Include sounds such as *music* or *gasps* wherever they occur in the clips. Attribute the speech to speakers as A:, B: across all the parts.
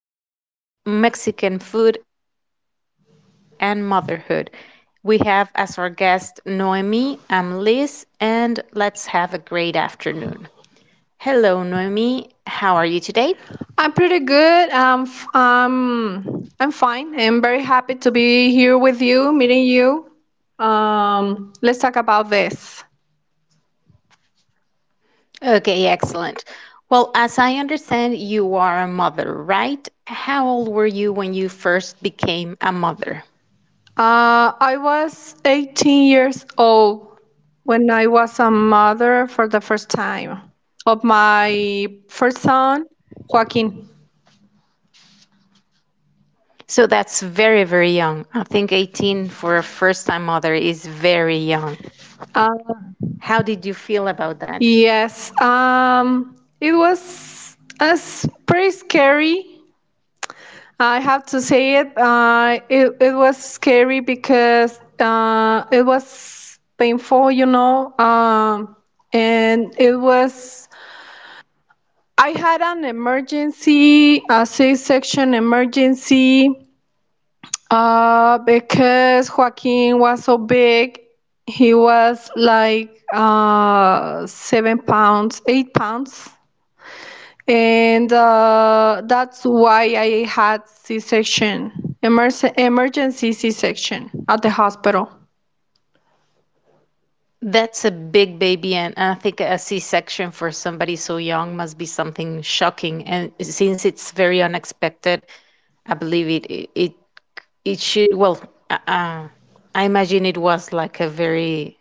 A: afternoon, and welcome to our podcast, Mexican Food and Motherhood. We have as our guest Noemi, I'm Liz, and let's have a great afternoon. Hello, Noemi. How are you today?
B: I'm pretty good. I'm fine. I'm very happy to be here with you, meeting you. Let's talk about this.
A: Okay, excellent. Well, as I understand, you are a mother, right? How old were you when you first became a mother?
B: I was 18 years old when I was a mother for the first time of my first son, Joaquin.
A: So that's very, very young. I think 18 for a first time mother is very young.
B: Uh,
A: How did you feel about that?
B: yes, um, it was pretty scary, I have to say it. It was scary because it was painful, you know. And it was. I had an emergency, a C-section emergency, because Joaquin was so big. He was like 7 pounds, 8 pounds, and that's why I had C-section, emergency C-section at the hospital.
A: That's a big baby, and I think a C-section for somebody so young must be something shocking. And since it's very unexpected, I believe it should. Well, uh, uh, I imagine it was like a very,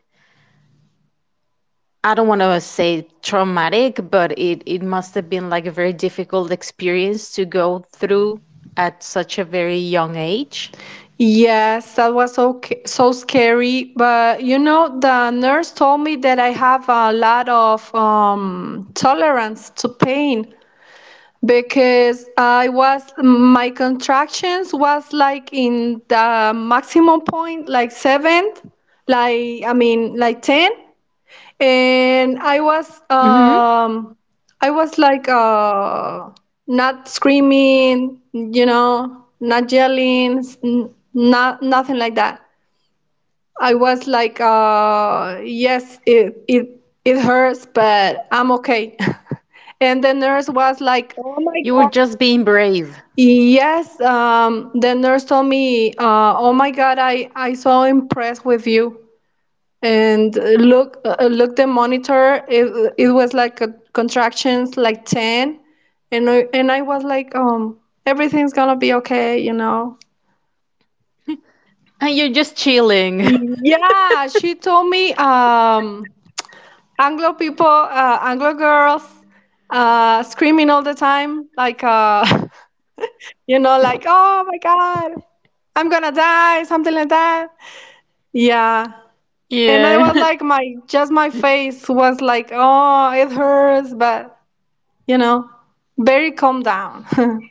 A: I don't want to say traumatic, but it must have been like a very difficult experience to go through at such a very young age.
B: Yes, that was so scary. But you know, the nurse told me that I have a lot of tolerance to pain because I was my contractions was like in the maximum point, like seventh, like like ten, and I was
A: Hmm.
B: I was like uh not screaming, you know, not yelling, not nothing like that. I was like yes, it hurts, but I'm okay. *laughs* And the nurse was like, "Oh my
A: You were
B: God!"
A: just being brave.
B: Yes, the nurse told me, "Oh my God, I so impressed with you." And look the monitor, it was like a contractions like 10, and I was like everything's gonna be okay, you know.
A: *laughs* And you're just chilling. *laughs*
B: Yeah, she told me anglo people, anglo girls screaming all the time like *laughs* you know, like, oh my God, I'm gonna die, something like that. Yeah. And I
A: Yeah.
B: was
A: *laughs*
B: like, my just my face was like, oh, it hurts, but you know, very calm down. *laughs*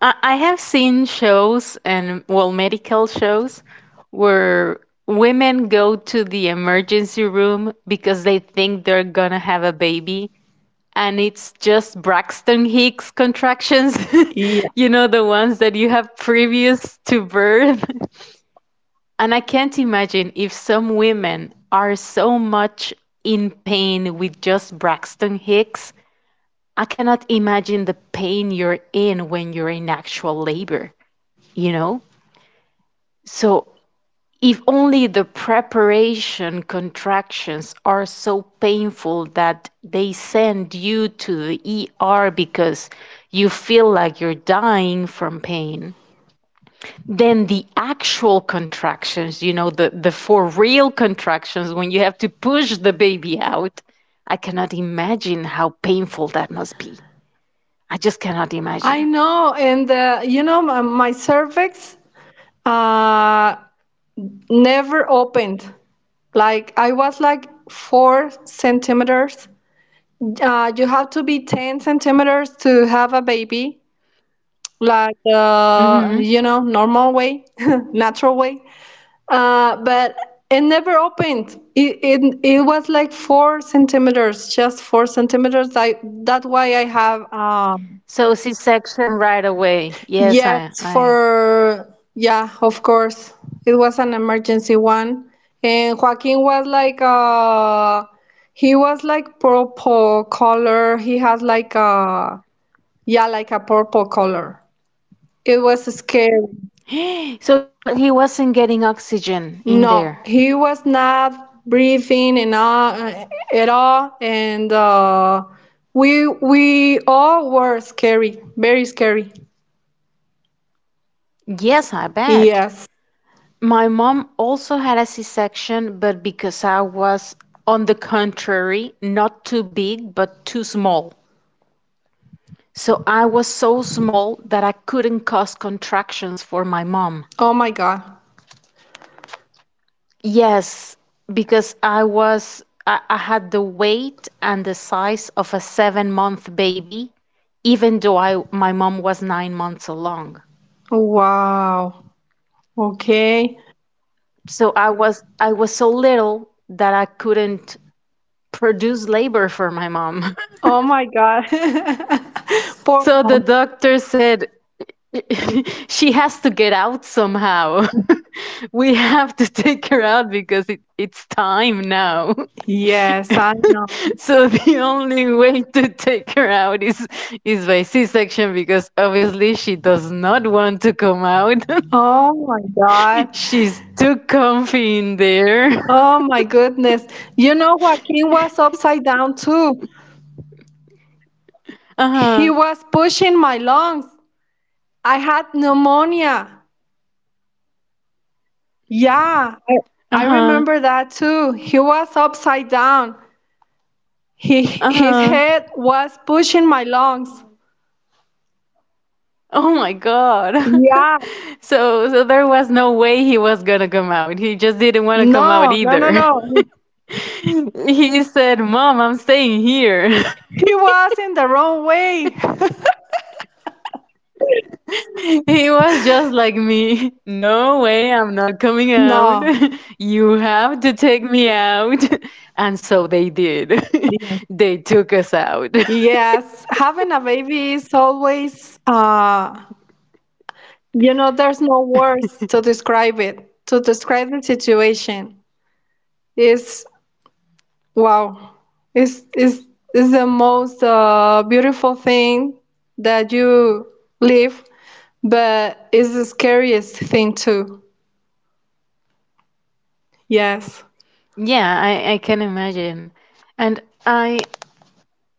A: I have seen shows and, well, medical shows where women go to the emergency room because they think they're gonna have a baby, and it's just Braxton Hicks contractions, *laughs*
B: Yeah.
A: you know, the ones that you have previous to birth. *laughs* And I can't imagine if some women are so much in pain with just Braxton Hicks. I cannot imagine the pain you're in when you're in actual labor, you know? So, if only the preparation contractions are so painful that they send you to the ER because you feel like you're dying from pain, then the actual contractions, you know, the for real contractions when you have to push the baby out, I cannot imagine how painful that must be. I just cannot
B: I
A: imagine.
B: know, and you know, my cervix uh, never opened. Like, I was like four centimeters. You have to be ten centimeters to have a baby, like
A: Hmm.
B: you know, normal way, *laughs* natural way. But it never opened. It was like four centimeters, just four centimeters. I that's why I have.
A: So C section right away. Yes,
B: Yes,
A: I.
B: for yeah, of course. It was an emergency one. And Joaquin was like purple color. He has like a, yeah, like a purple color. It was scary.
A: *gasps* So he was, he wasn't getting oxygen in there.
B: No, he was not breathing, and at all, and we all were scary, very scary.
A: Yes, I bet.
B: Yes.
A: My mom also had a C-section, but because I was, on the contrary, not too big but too small. So I was so small that I couldn't cause contractions for my mom.
B: Oh my God.
A: Yes, because I had the weight and the size of a 7-month baby, even though I, my mom was 9 months along.
B: Wow. Okay.
A: So I was so little that I couldn't produce labor for my mom.
B: Oh my God. *laughs*
A: *laughs*
B: Poor
A: So the
B: mom.
A: doctor said, *laughs* she has to get out somehow. *laughs* We have to take her out because it's time now.
B: Yes, I know.
A: *laughs* So the only way to take her out is by C-section, because obviously she does not want to come out.
B: Oh my God.
A: *laughs* She's too comfy in there.
B: Oh
A: *laughs*
B: my goodness. You know, Joaquin was upside down too. He
A: Uh-huh.
B: was pushing my lungs. I had pneumonia. Yeah, I
A: Uh-huh.
B: remember that too. He was upside down. He, his
A: Uh-huh.
B: head was pushing my lungs.
A: Oh my God. *laughs*
B: Yeah.
A: So so there was no way he was gonna come out. He just didn't want to come out
B: No, no, no,
A: either.
B: no.
A: *laughs* He said, "Mom, I'm staying here." *laughs*
B: He was in the wrong way.
A: He was just like me. *laughs* No way, I'm not coming out. *laughs*
B: No.
A: You have to take me out. *laughs* And so they did.
B: Yes.
A: *laughs* They took us out.
B: Yes, having a baby is always, you know, there's no words to describe it, to describe the situation. It's wow. It's, it's, it's the most beautiful thing that you live, but it's the scariest thing too. Yes.
A: *laughs* Yeah, I can imagine. And I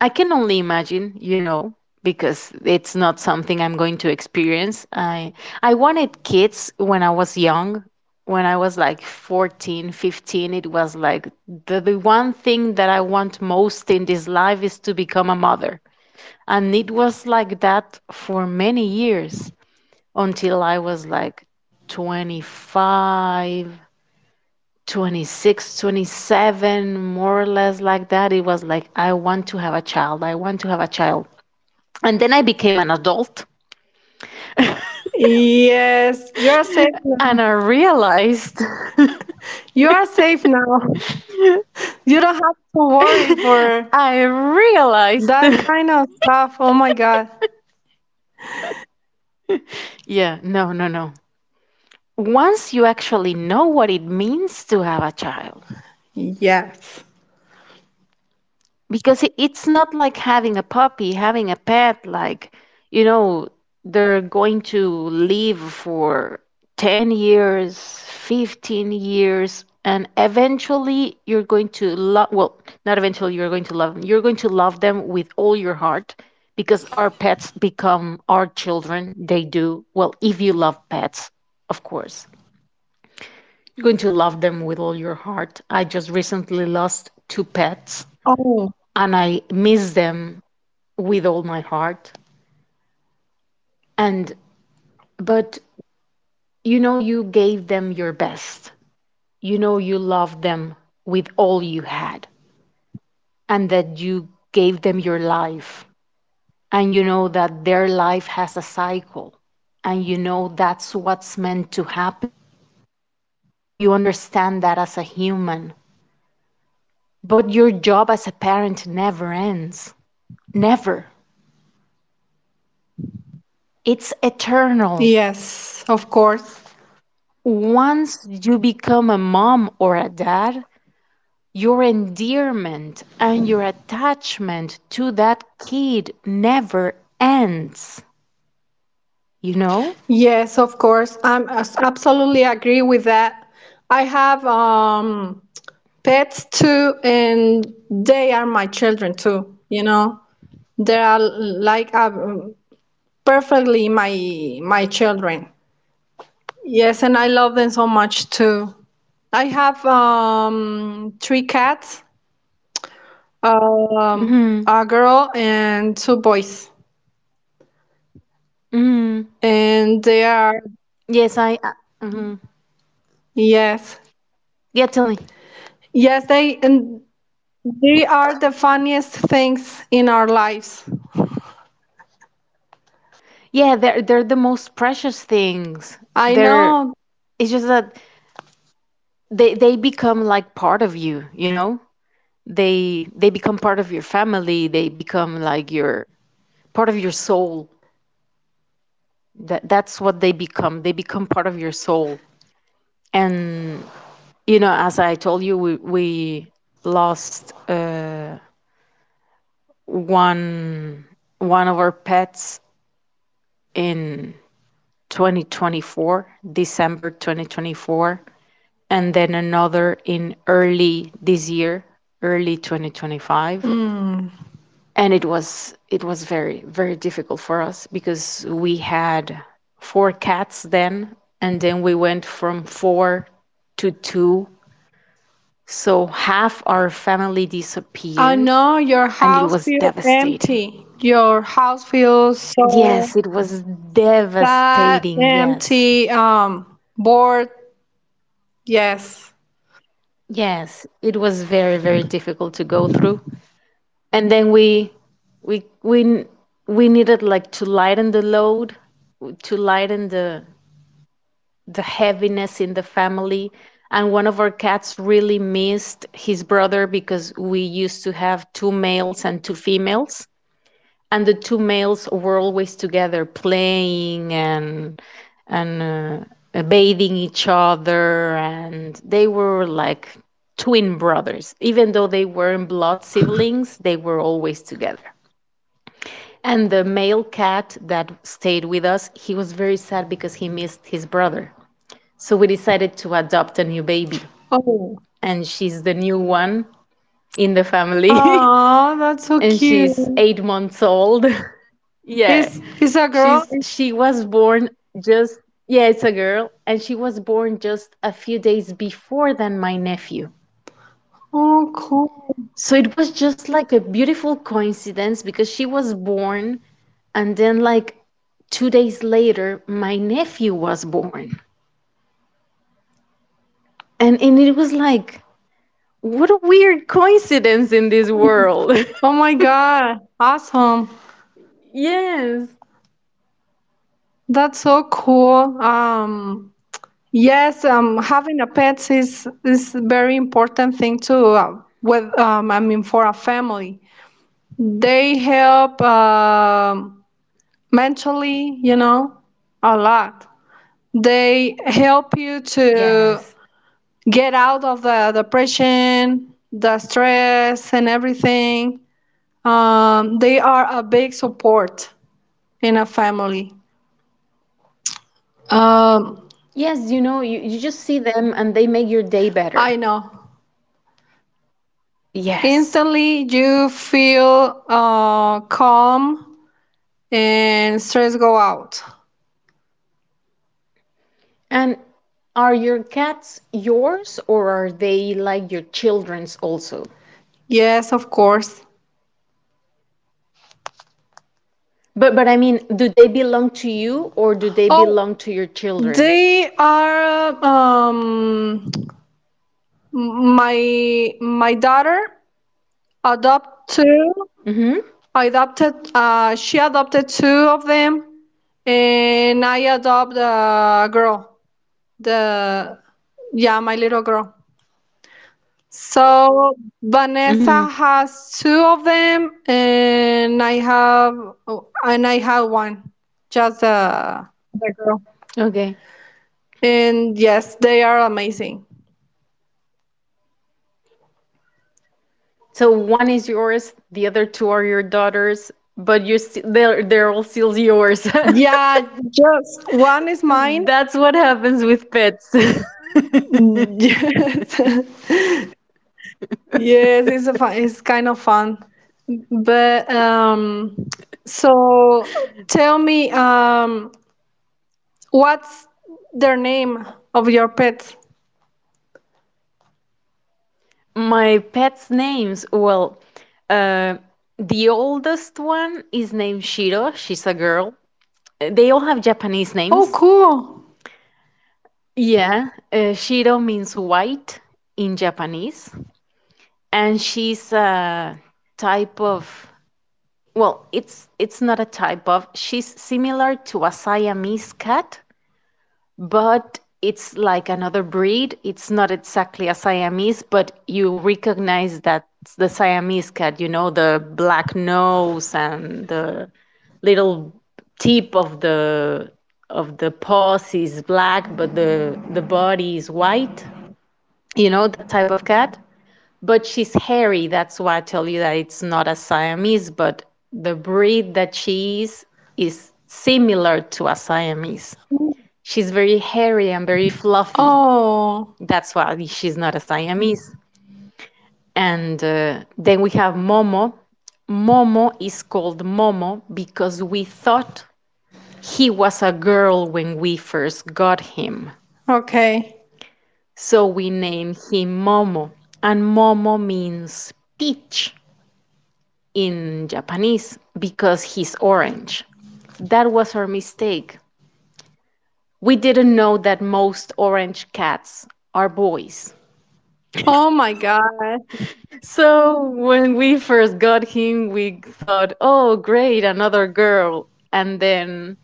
A: I can only imagine, you know, because it's not something I'm going to experience. I wanted kids when I was young. When I was like 14, 15, it was like the one thing that I want most in this life is to become a mother. And it was like that for many years until I was like 25, 26, 27, more or less like that. It was like, I want to have a child. I want to have a child. And then I became an adult
B: Yes, you are safe now.
A: and I realized,
B: You are safe now. You don't have to worry
A: *laughs*
B: for
A: I realized,
B: that
A: *laughs*
B: kind of stuff. Oh my God.
A: yeah, no, no, no. Once you actually know what it means to have a child,
B: Yes.
A: because it's not like having a puppy, having a pet, like, you know, they're going to live for 10 years, 15 years, and eventually you're going to love, well, not eventually you're going to love them, you're going to love them with all your heart, because our pets become our children. They do. Well, if you love pets, of course, you're going to love them with all your heart. I just recently lost two pets
B: Oh,
A: and I miss them with all my heart. And, but you know, you gave them your best. You know, you loved them with all you had, and that you gave them your life. And you know that their life has a cycle, and you know that's what's meant to happen. You know, you understand that as a human, but your job as a parent never ends. Never. It's eternal.
B: yes, of course.
A: Once you become a mom or a dad, your endearment and your attachment to that kid never ends, you know?
B: Yes, of course. Absolutely agree with that. I have pets too, and they are my children too. You know, they are like perfectly my children. Yes, and I love them so much too. I have three cats,
A: Hmm.
B: a girl and two boys,
A: Hmm.
B: and they are.
A: Yes, I. Mhm.
B: Yes.
A: Yeah, tell me.
B: Yes, they and they are the funniest things in our lives.
A: Yeah, they're the most precious things.
B: I
A: They're,
B: know.
A: it's just that they become like part of you, you know? They become part of your family, they become like your, part of your soul. That that's what they become. They become part of your soul. And you know, as I told you, we lost one one of our pets in 2024, December 2024, and then another in early this year, early 2025.
B: Mm,
A: And it was very very difficult for us because we had four cats then, and then we went from four to two. So half our family
B: I
A: disappeared,
B: know your
A: and it
B: house
A: was
B: feels
A: devastating.
B: empty. Your house feels so
A: Yes, it was
B: sad,
A: devastating. Yes.
B: empty, bored. Yes.
A: Yes, it was very, very difficult to go through. And then we we we needed like to lighten the load, to lighten the heaviness in the family. And one of our cats really missed his brother because we used to have two males and two females, and the two males were always together playing and bathing each other, and they were like twin brothers, even though they weren't blood siblings they were always together. And the male cat that stayed with us, he was very sad because he missed his brother. So we decided to adopt a new baby,
B: Oh.
A: and she's the new one in the family.
B: Oh, that's
A: *laughs*
B: so
A: And
B: cute.
A: she's 8 months old. *laughs* Yeah.
B: Is a girl?
A: She was born just, yeah, it's a girl, and she was born just a few days before than my nephew.
B: Oh, cool.
A: So it was just like a beautiful coincidence because she was born and then like 2 days later my nephew was born. And it was like, what a weird coincidence in this world.
B: Oh
A: *laughs*
B: my God. Awesome.
A: Yes.
B: That's so cool. Yes, having a pet is a very important thing too. For a family, they help mentally, you know, a lot. They help you to
A: Yes.
B: get out of the depression, the stress, and everything. They are a big support in a family. Um,
A: Yes, you know, you just see them and they make your day better.
B: I know.
A: Yes.
B: Instantly, you feel calm and stress go out.
A: And are your cats yours or are they like your children's also?
B: Yes, of course.
A: But I mean, do they belong to you or do they
B: Oh,
A: belong to your children?
B: they are my my daughter adopt two.
A: Mm-hmm.
B: I adopted, uh, she adopted two of them, and I adopt a girl. The Yeah, my little girl. So
A: Mm-hmm.
B: Vanessa has two of them, and I have, oh, and I have one, just the girl.
A: Okay.
B: And yes, they are amazing.
A: So one is yours, the other two are your daughters, but they're all still yours.
B: Yeah, just one is mine.
A: *laughs*
B: *laughs*
A: That's what happens with pets. *laughs*
B: Yes, yes, it's a fun, it's kind of fun. But so tell me, what's their name of your pets?
A: My pets' names, well, uh, the oldest one is named Shiro. She's a girl. They all have Japanese
B: Oh,
A: names.
B: cool.
A: Yeah, Shiro means white in Japanese, and she's a type of, well, it's not a type of. She's similar to a Siamese cat, but it's like another breed. It's not exactly a Siamese, but you recognize that the Siamese cat, you know, the black nose and the little tip of the paws is black, but the body is white. You know that type of cat. But she's hairy. That's why I tell you that it's not a Siamese, but the breed that she is similar to a Siamese. She's very hairy and very fluffy.
B: Oh,
A: That's why she's not a Siamese. And then we have Momo. Momo is called Momo because we thought he was a girl when we first got him.
B: okay.
A: So we named him Momo. And Momo means peach in Japanese because he's orange. That was our mistake. We didn't know that most orange cats are boys.
B: Oh my God.
A: So when we first got him, we thought, "Oh, great, another girl." And then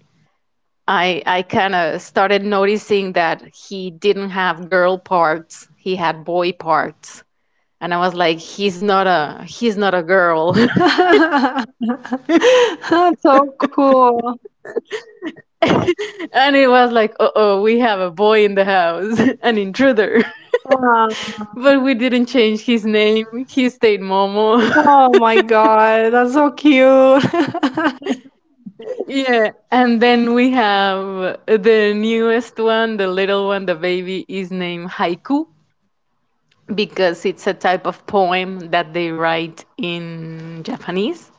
A: I kind of started noticing that he didn't have girl parts. He had boy parts. And I was like, "He's not a, he's not a girl." *laughs*
B: *laughs* That's so cool.
A: And it was like, "Uh-oh, we have a boy in the house, *laughs* an intruder." *laughs*
B: Wow.
A: But we didn't change his name. He stayed Momo.
B: Oh my
A: *laughs*
B: God. That's so cute. *laughs*
A: Yeah, and then we have the newest one, the little one, the baby is named Haiku, because it's a type of poem that they write in Japanese,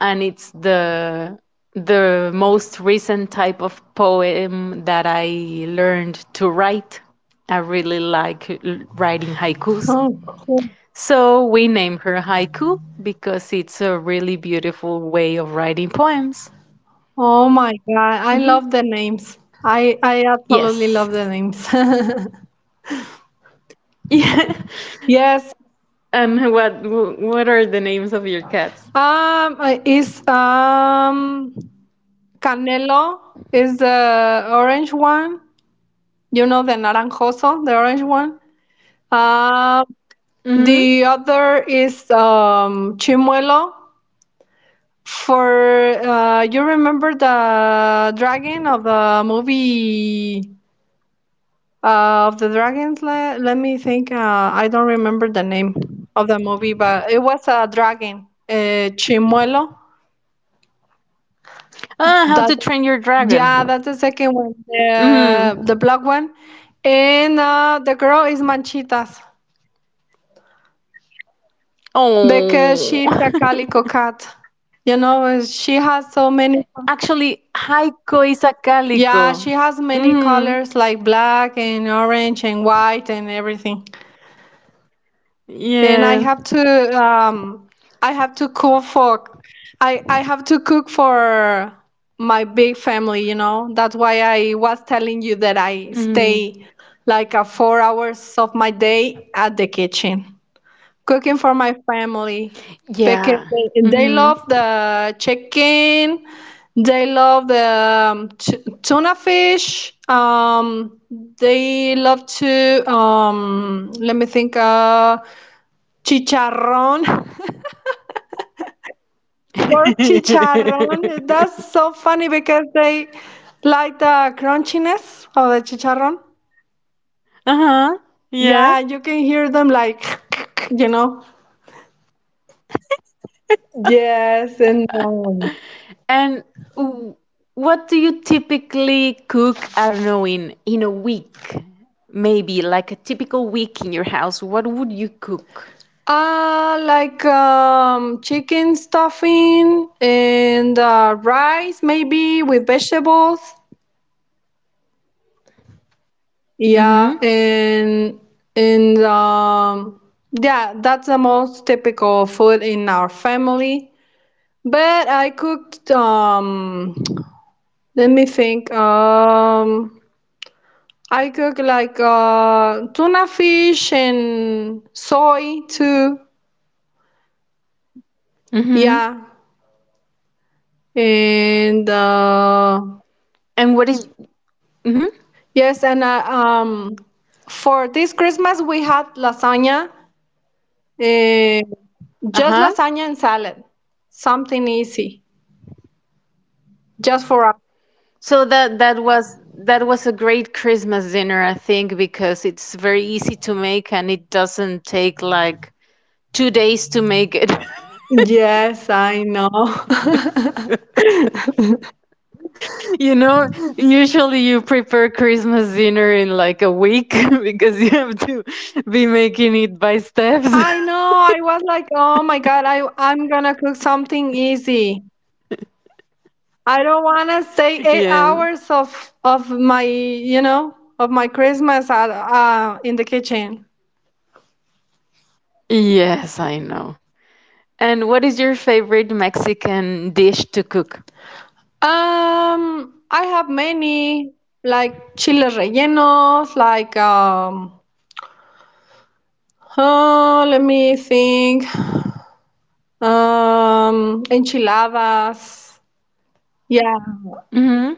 A: and it's the most recent type of poem that I learned to write. I really like writing haikus.
B: Oh, cool.
A: So we named her Haiku because it's a really beautiful way of writing poems.
B: Oh my God. I
A: Hmm.
B: love the names. I absolutely
A: Yes.
B: love the names. *laughs*
A: *laughs* Yeah.
B: Yes.
A: And what are the names of your cats?
B: Is Canelo is the orange one. You know the naranjoso, the orange one. Um.
A: Mm-hmm.
B: The other is Chimuelo. For you remember the dragon of the movie, of the dragons? Let me think. I don't remember the name of the movie, but it was a dragon, Chimuelo.
A: Ah, How
B: That
A: to Train Your Dragon.
B: Yeah, that's the second one,
A: Mm.
B: the black one, and the girl is Manchitas because
A: Oh.
B: she's a calico
A: *laughs*
B: cat. You know, she has so many.
A: Actually, Haiko is a
B: Yeah,
A: calico.
B: she has many
A: Mm.
B: colors like black and orange and white and everything. And
A: Yeah.
B: I have to cook for I have to cook for my big family, you know. That's why I was telling you that I
A: Mm.
B: stay like a 4 hours of my day at the kitchen. Cooking for my family because
A: Yeah.
B: they
A: Mm-hmm.
B: love the chicken, they love the tuna fish. They love to let me think. Chicharrón, *laughs* pork chicharrón. That's so funny because they like the crunchiness of the chicharrón.
A: *laughs* Uh-huh. Yeah.
B: Yeah, you can hear them like *laughs* you know. Yes, and.
A: And w- what do you typically cook? I don't know in a week, maybe like a typical week in your house. What would you cook?
B: Like chicken stuffing and rice, maybe with vegetables. Yeah,
A: Mm-hmm.
B: and yeah, that's the most typical food in our family. But I cooked let me think. I cook like tuna fish and soy too.
A: Mm-hmm.
B: Yeah, and
A: And what is? Mm-hmm.
B: yes, and for this Christmas we had lasagna, uh, just
A: Uh-huh.
B: lasagna and salad, something easy, just for us.
A: So that was that was a great Christmas dinner, I think, because it's very easy to make and it doesn't take like 2 days to make it. *laughs*
B: Yes, I know. *laughs*
A: You know, usually you prepare Christmas dinner in like a week *laughs* because you have to be making it by steps.
B: I know. I was like, oh my God, I'm gonna cook something easy. I don't wanna stay
A: *laughs*
B: eight
A: Yes.
B: hours of my, you know, of my Christmas at, in the kitchen.
A: Yes, I know. And what is your favorite Mexican dish to cook?
B: I have many like chile rellenos, like let me think, enchiladas. Yeah.
A: Hmm.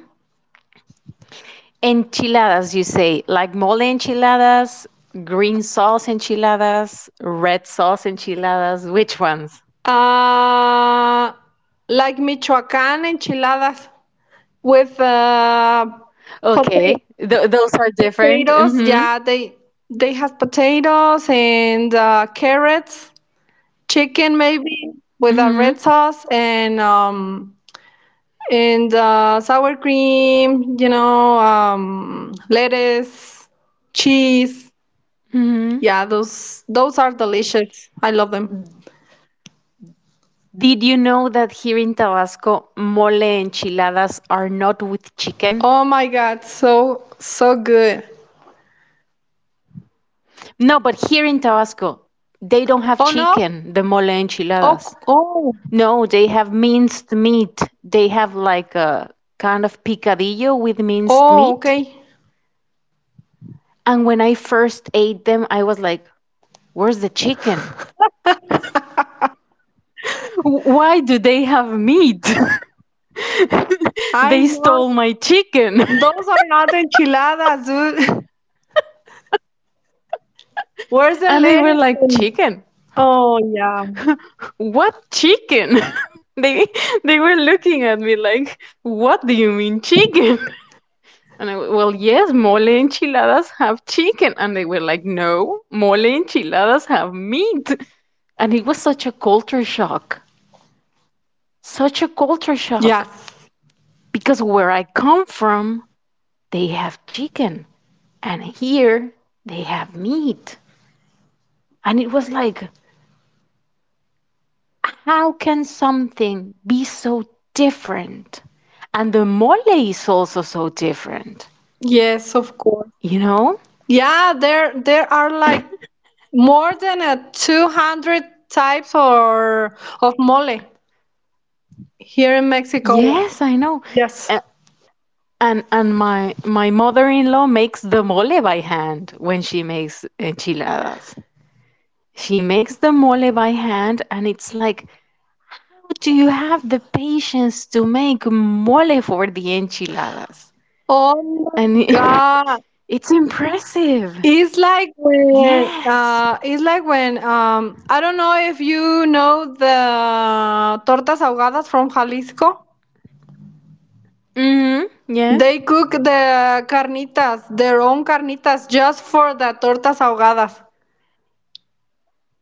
A: Enchiladas, you say, like mole enchiladas, green sauce enchiladas, red sauce enchiladas. Which ones?
B: Uh, like Michoacán enchiladas with pota-
A: Okay, those are different.
B: potatoes.
A: Mm-hmm.
B: Yeah, they have potatoes and carrots, chicken maybe with a red
A: Mm-hmm.
B: sauce and, sour cream, you know, lettuce, cheese.
A: Mm-hmm.
B: Yeah, those are delicious. I love them.
A: Did you know that here in Tabasco, mole enchiladas are not with chicken?
B: Oh my God, so so good.
A: No, but here in Tabasco, they don't have
B: Oh no.
A: chicken, the mole
B: Oh c-
A: enchiladas.
B: oh
A: No, they have minced meat. They have like a kind of picadillo with minced
B: oh.
A: meat.
B: Okay.
A: And when I first ate them, I was like, where's the chicken? Why do they have meat? *laughs*
B: I
A: They
B: know
A: stole my chicken.
B: those are not enchiladas, dude. *laughs* Where's
A: *laughs*
B: the
A: And they were
B: lettuce?
A: like,
B: And,
A: chicken.
B: oh yeah.
A: What chicken? *laughs* they they were looking at me like, what do you mean chicken? *laughs* And I, well, yes, mole enchiladas have chicken. And they were like, no, mole enchiladas have meat. *laughs* And it was such a culture shock, such a culture shock,
B: Yes.
A: because where I come from, they have chicken, and here they have meat. And it was like, how can something be so different? And the mole is also so different,
B: Yes, of course.
A: you know?
B: Yeah, there are like more than a 200 types or of mole here in Mexico.
A: Yes, I know.
B: Yes.
A: A- and my mother-in-law makes the mole by hand when she makes enchiladas. She makes the mole by hand and it's like, how do you have the patience to make mole for the enchiladas?
B: Oh
A: And
B: my
A: it-
B: God.
A: *laughs* it's impressive. Yes.
B: It's like when I don't know if you know the tortas ahogadas from Jalisco.
A: Hmm. Yes.
B: They cook the carnitas, their own carnitas just for the tortas ahogadas.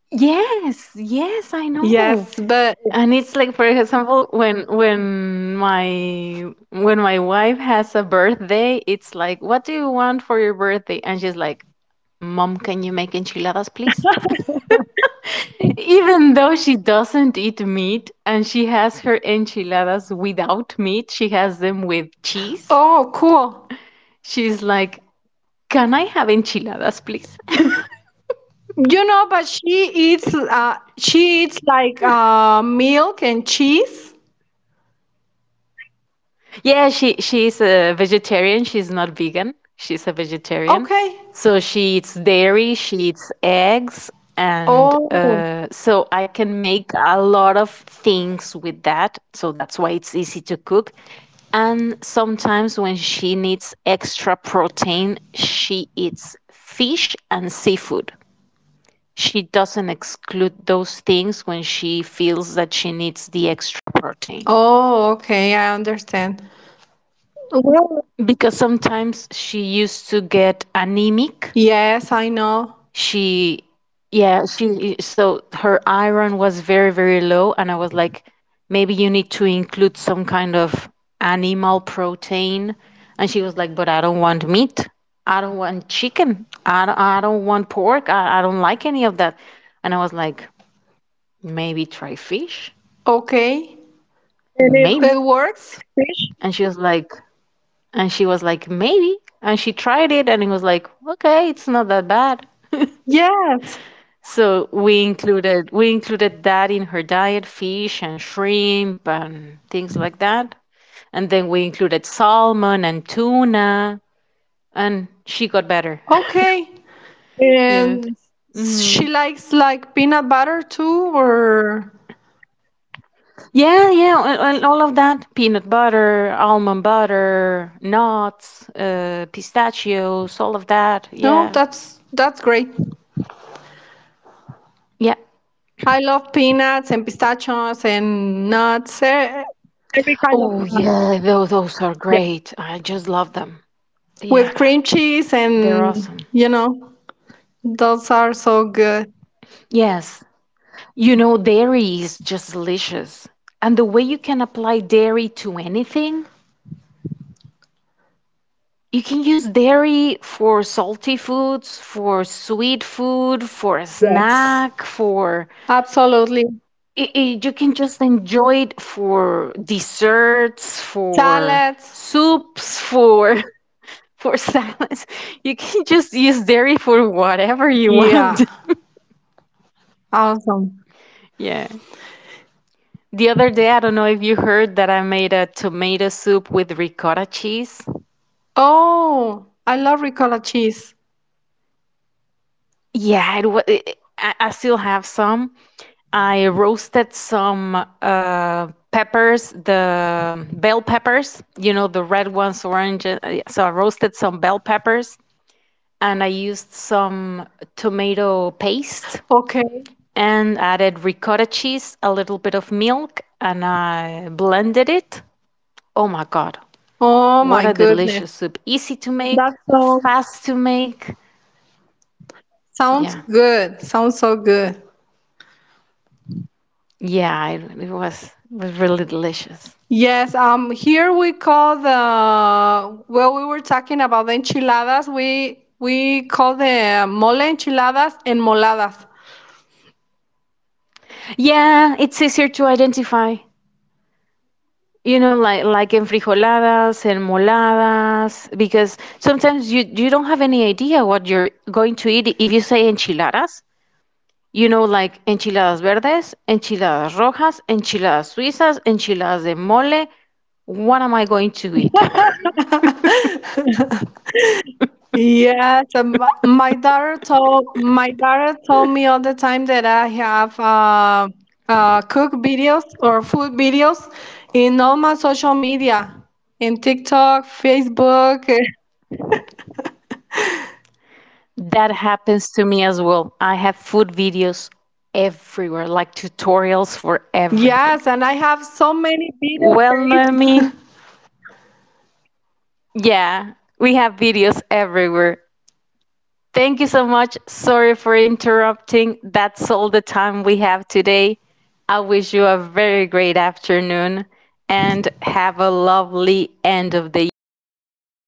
A: Yes, yes, I know.
B: Yes, but
A: And it's like, for example, when my wife has a birthday, it's like, what do you want for your birthday? And she's like, Mom, can you make enchiladas, please? Even though she doesn't eat meat and she has her enchiladas without meat, she has them with cheese.
B: oh, cool.
A: She's like, can I have enchiladas, please? *laughs*
B: You know, but she eats, she eats like, milk and cheese.
A: Yeah, she's a vegetarian. She's not vegan. She's a vegetarian.
B: Okay.
A: So she eats dairy, she eats eggs, and
B: Oh.
A: so I can make a lot of things with that. So that's why it's easy to cook. And sometimes when she needs extra protein, she eats fish and seafood. She doesn't exclude those things when she feels that she needs the extra protein.
B: Oh, okay, I understand. Well,
A: Because sometimes she used to get anemic.
B: yes, I know.
A: She, yeah, she, so her iron was very very low and I was like, maybe you need to include some kind of animal protein. And she was like, but I don't want meat, I don't want chicken, I don't want pork, I don't like any of that. And I was like, maybe try fish.
B: Okay. And it
A: Maybe.
B: works?
A: And she was like, and she was like, maybe. And she tried it and it was like, okay, it's not that bad. *laughs*
B: Yes.
A: So we included that in her diet, fish and shrimp and things like that. And then we included salmon and tuna and she got better.
B: Okay.
A: *laughs* Yes.
B: And
A: Hmm.
B: she likes like peanut butter too, or
A: Yeah, yeah, and all of that. Peanut butter, almond butter, nuts, pistachios, all of that.
B: no,
A: Yeah.
B: that's great.
A: Yeah.
B: I love peanuts and pistachios and nuts, every kind of
A: Oh
B: nut.
A: yeah, those are great. I just love them. Yeah,
B: With cream cheese, and
A: they're awesome.
B: you know those are so good.
A: Yes. You know, dairy is just delicious. And the way you can apply dairy to anything, you can use dairy for salty foods, for sweet food, for a
B: Yes,
A: snack, for
B: absolutely.
A: you can just enjoy it for desserts, for
B: Salads.
A: soups, for *laughs* for salads. You can just use dairy for whatever you want.
B: Yeah,
A: *laughs*
B: awesome.
A: Yeah. The other day, I don't know if you heard that I made a tomato soup with ricotta cheese.
B: Oh, I love ricotta cheese.
A: Yeah, it was. I still have some. I roasted some peppers, the bell peppers, you know, the red ones, orange. Yeah, so I roasted some bell peppers and I used some tomato paste
B: Okay.
A: and added ricotta cheese, a little bit of milk, and I blended it. Oh my God.
B: Oh
A: What
B: my
A: a
B: goodness.
A: delicious soup. Easy to make,
B: That sounds,
A: fast to make.
B: sounds
A: Yeah.
B: good, sounds so good.
A: Yeah, it was really delicious.
B: Yes, here we call the, well, we were talking about the enchiladas, we call the mole enchiladas and moladas.
A: Yeah, it's easier to identify. You know, like enfrijoladas and moladas, because sometimes you don't have any idea what you're going to eat if you say enchiladas. You know, like enchiladas verdes, enchiladas rojas, enchiladas suizas, enchiladas de mole. What am I going to eat? *laughs*
B: Yes, my my daughter told me all the time that I have cook videos or food videos in all my social media, in TikTok, Facebook. *laughs*
A: That happens to me as well. I have food videos everywhere, like tutorials for everything.
B: Yes, and I have so many videos
A: Well,
B: saved.
A: Noemi, yeah, we have videos everywhere. Thank you so much. Sorry for interrupting. That's all the time we have today. I wish you a very great afternoon and have a lovely end of the year, everybody.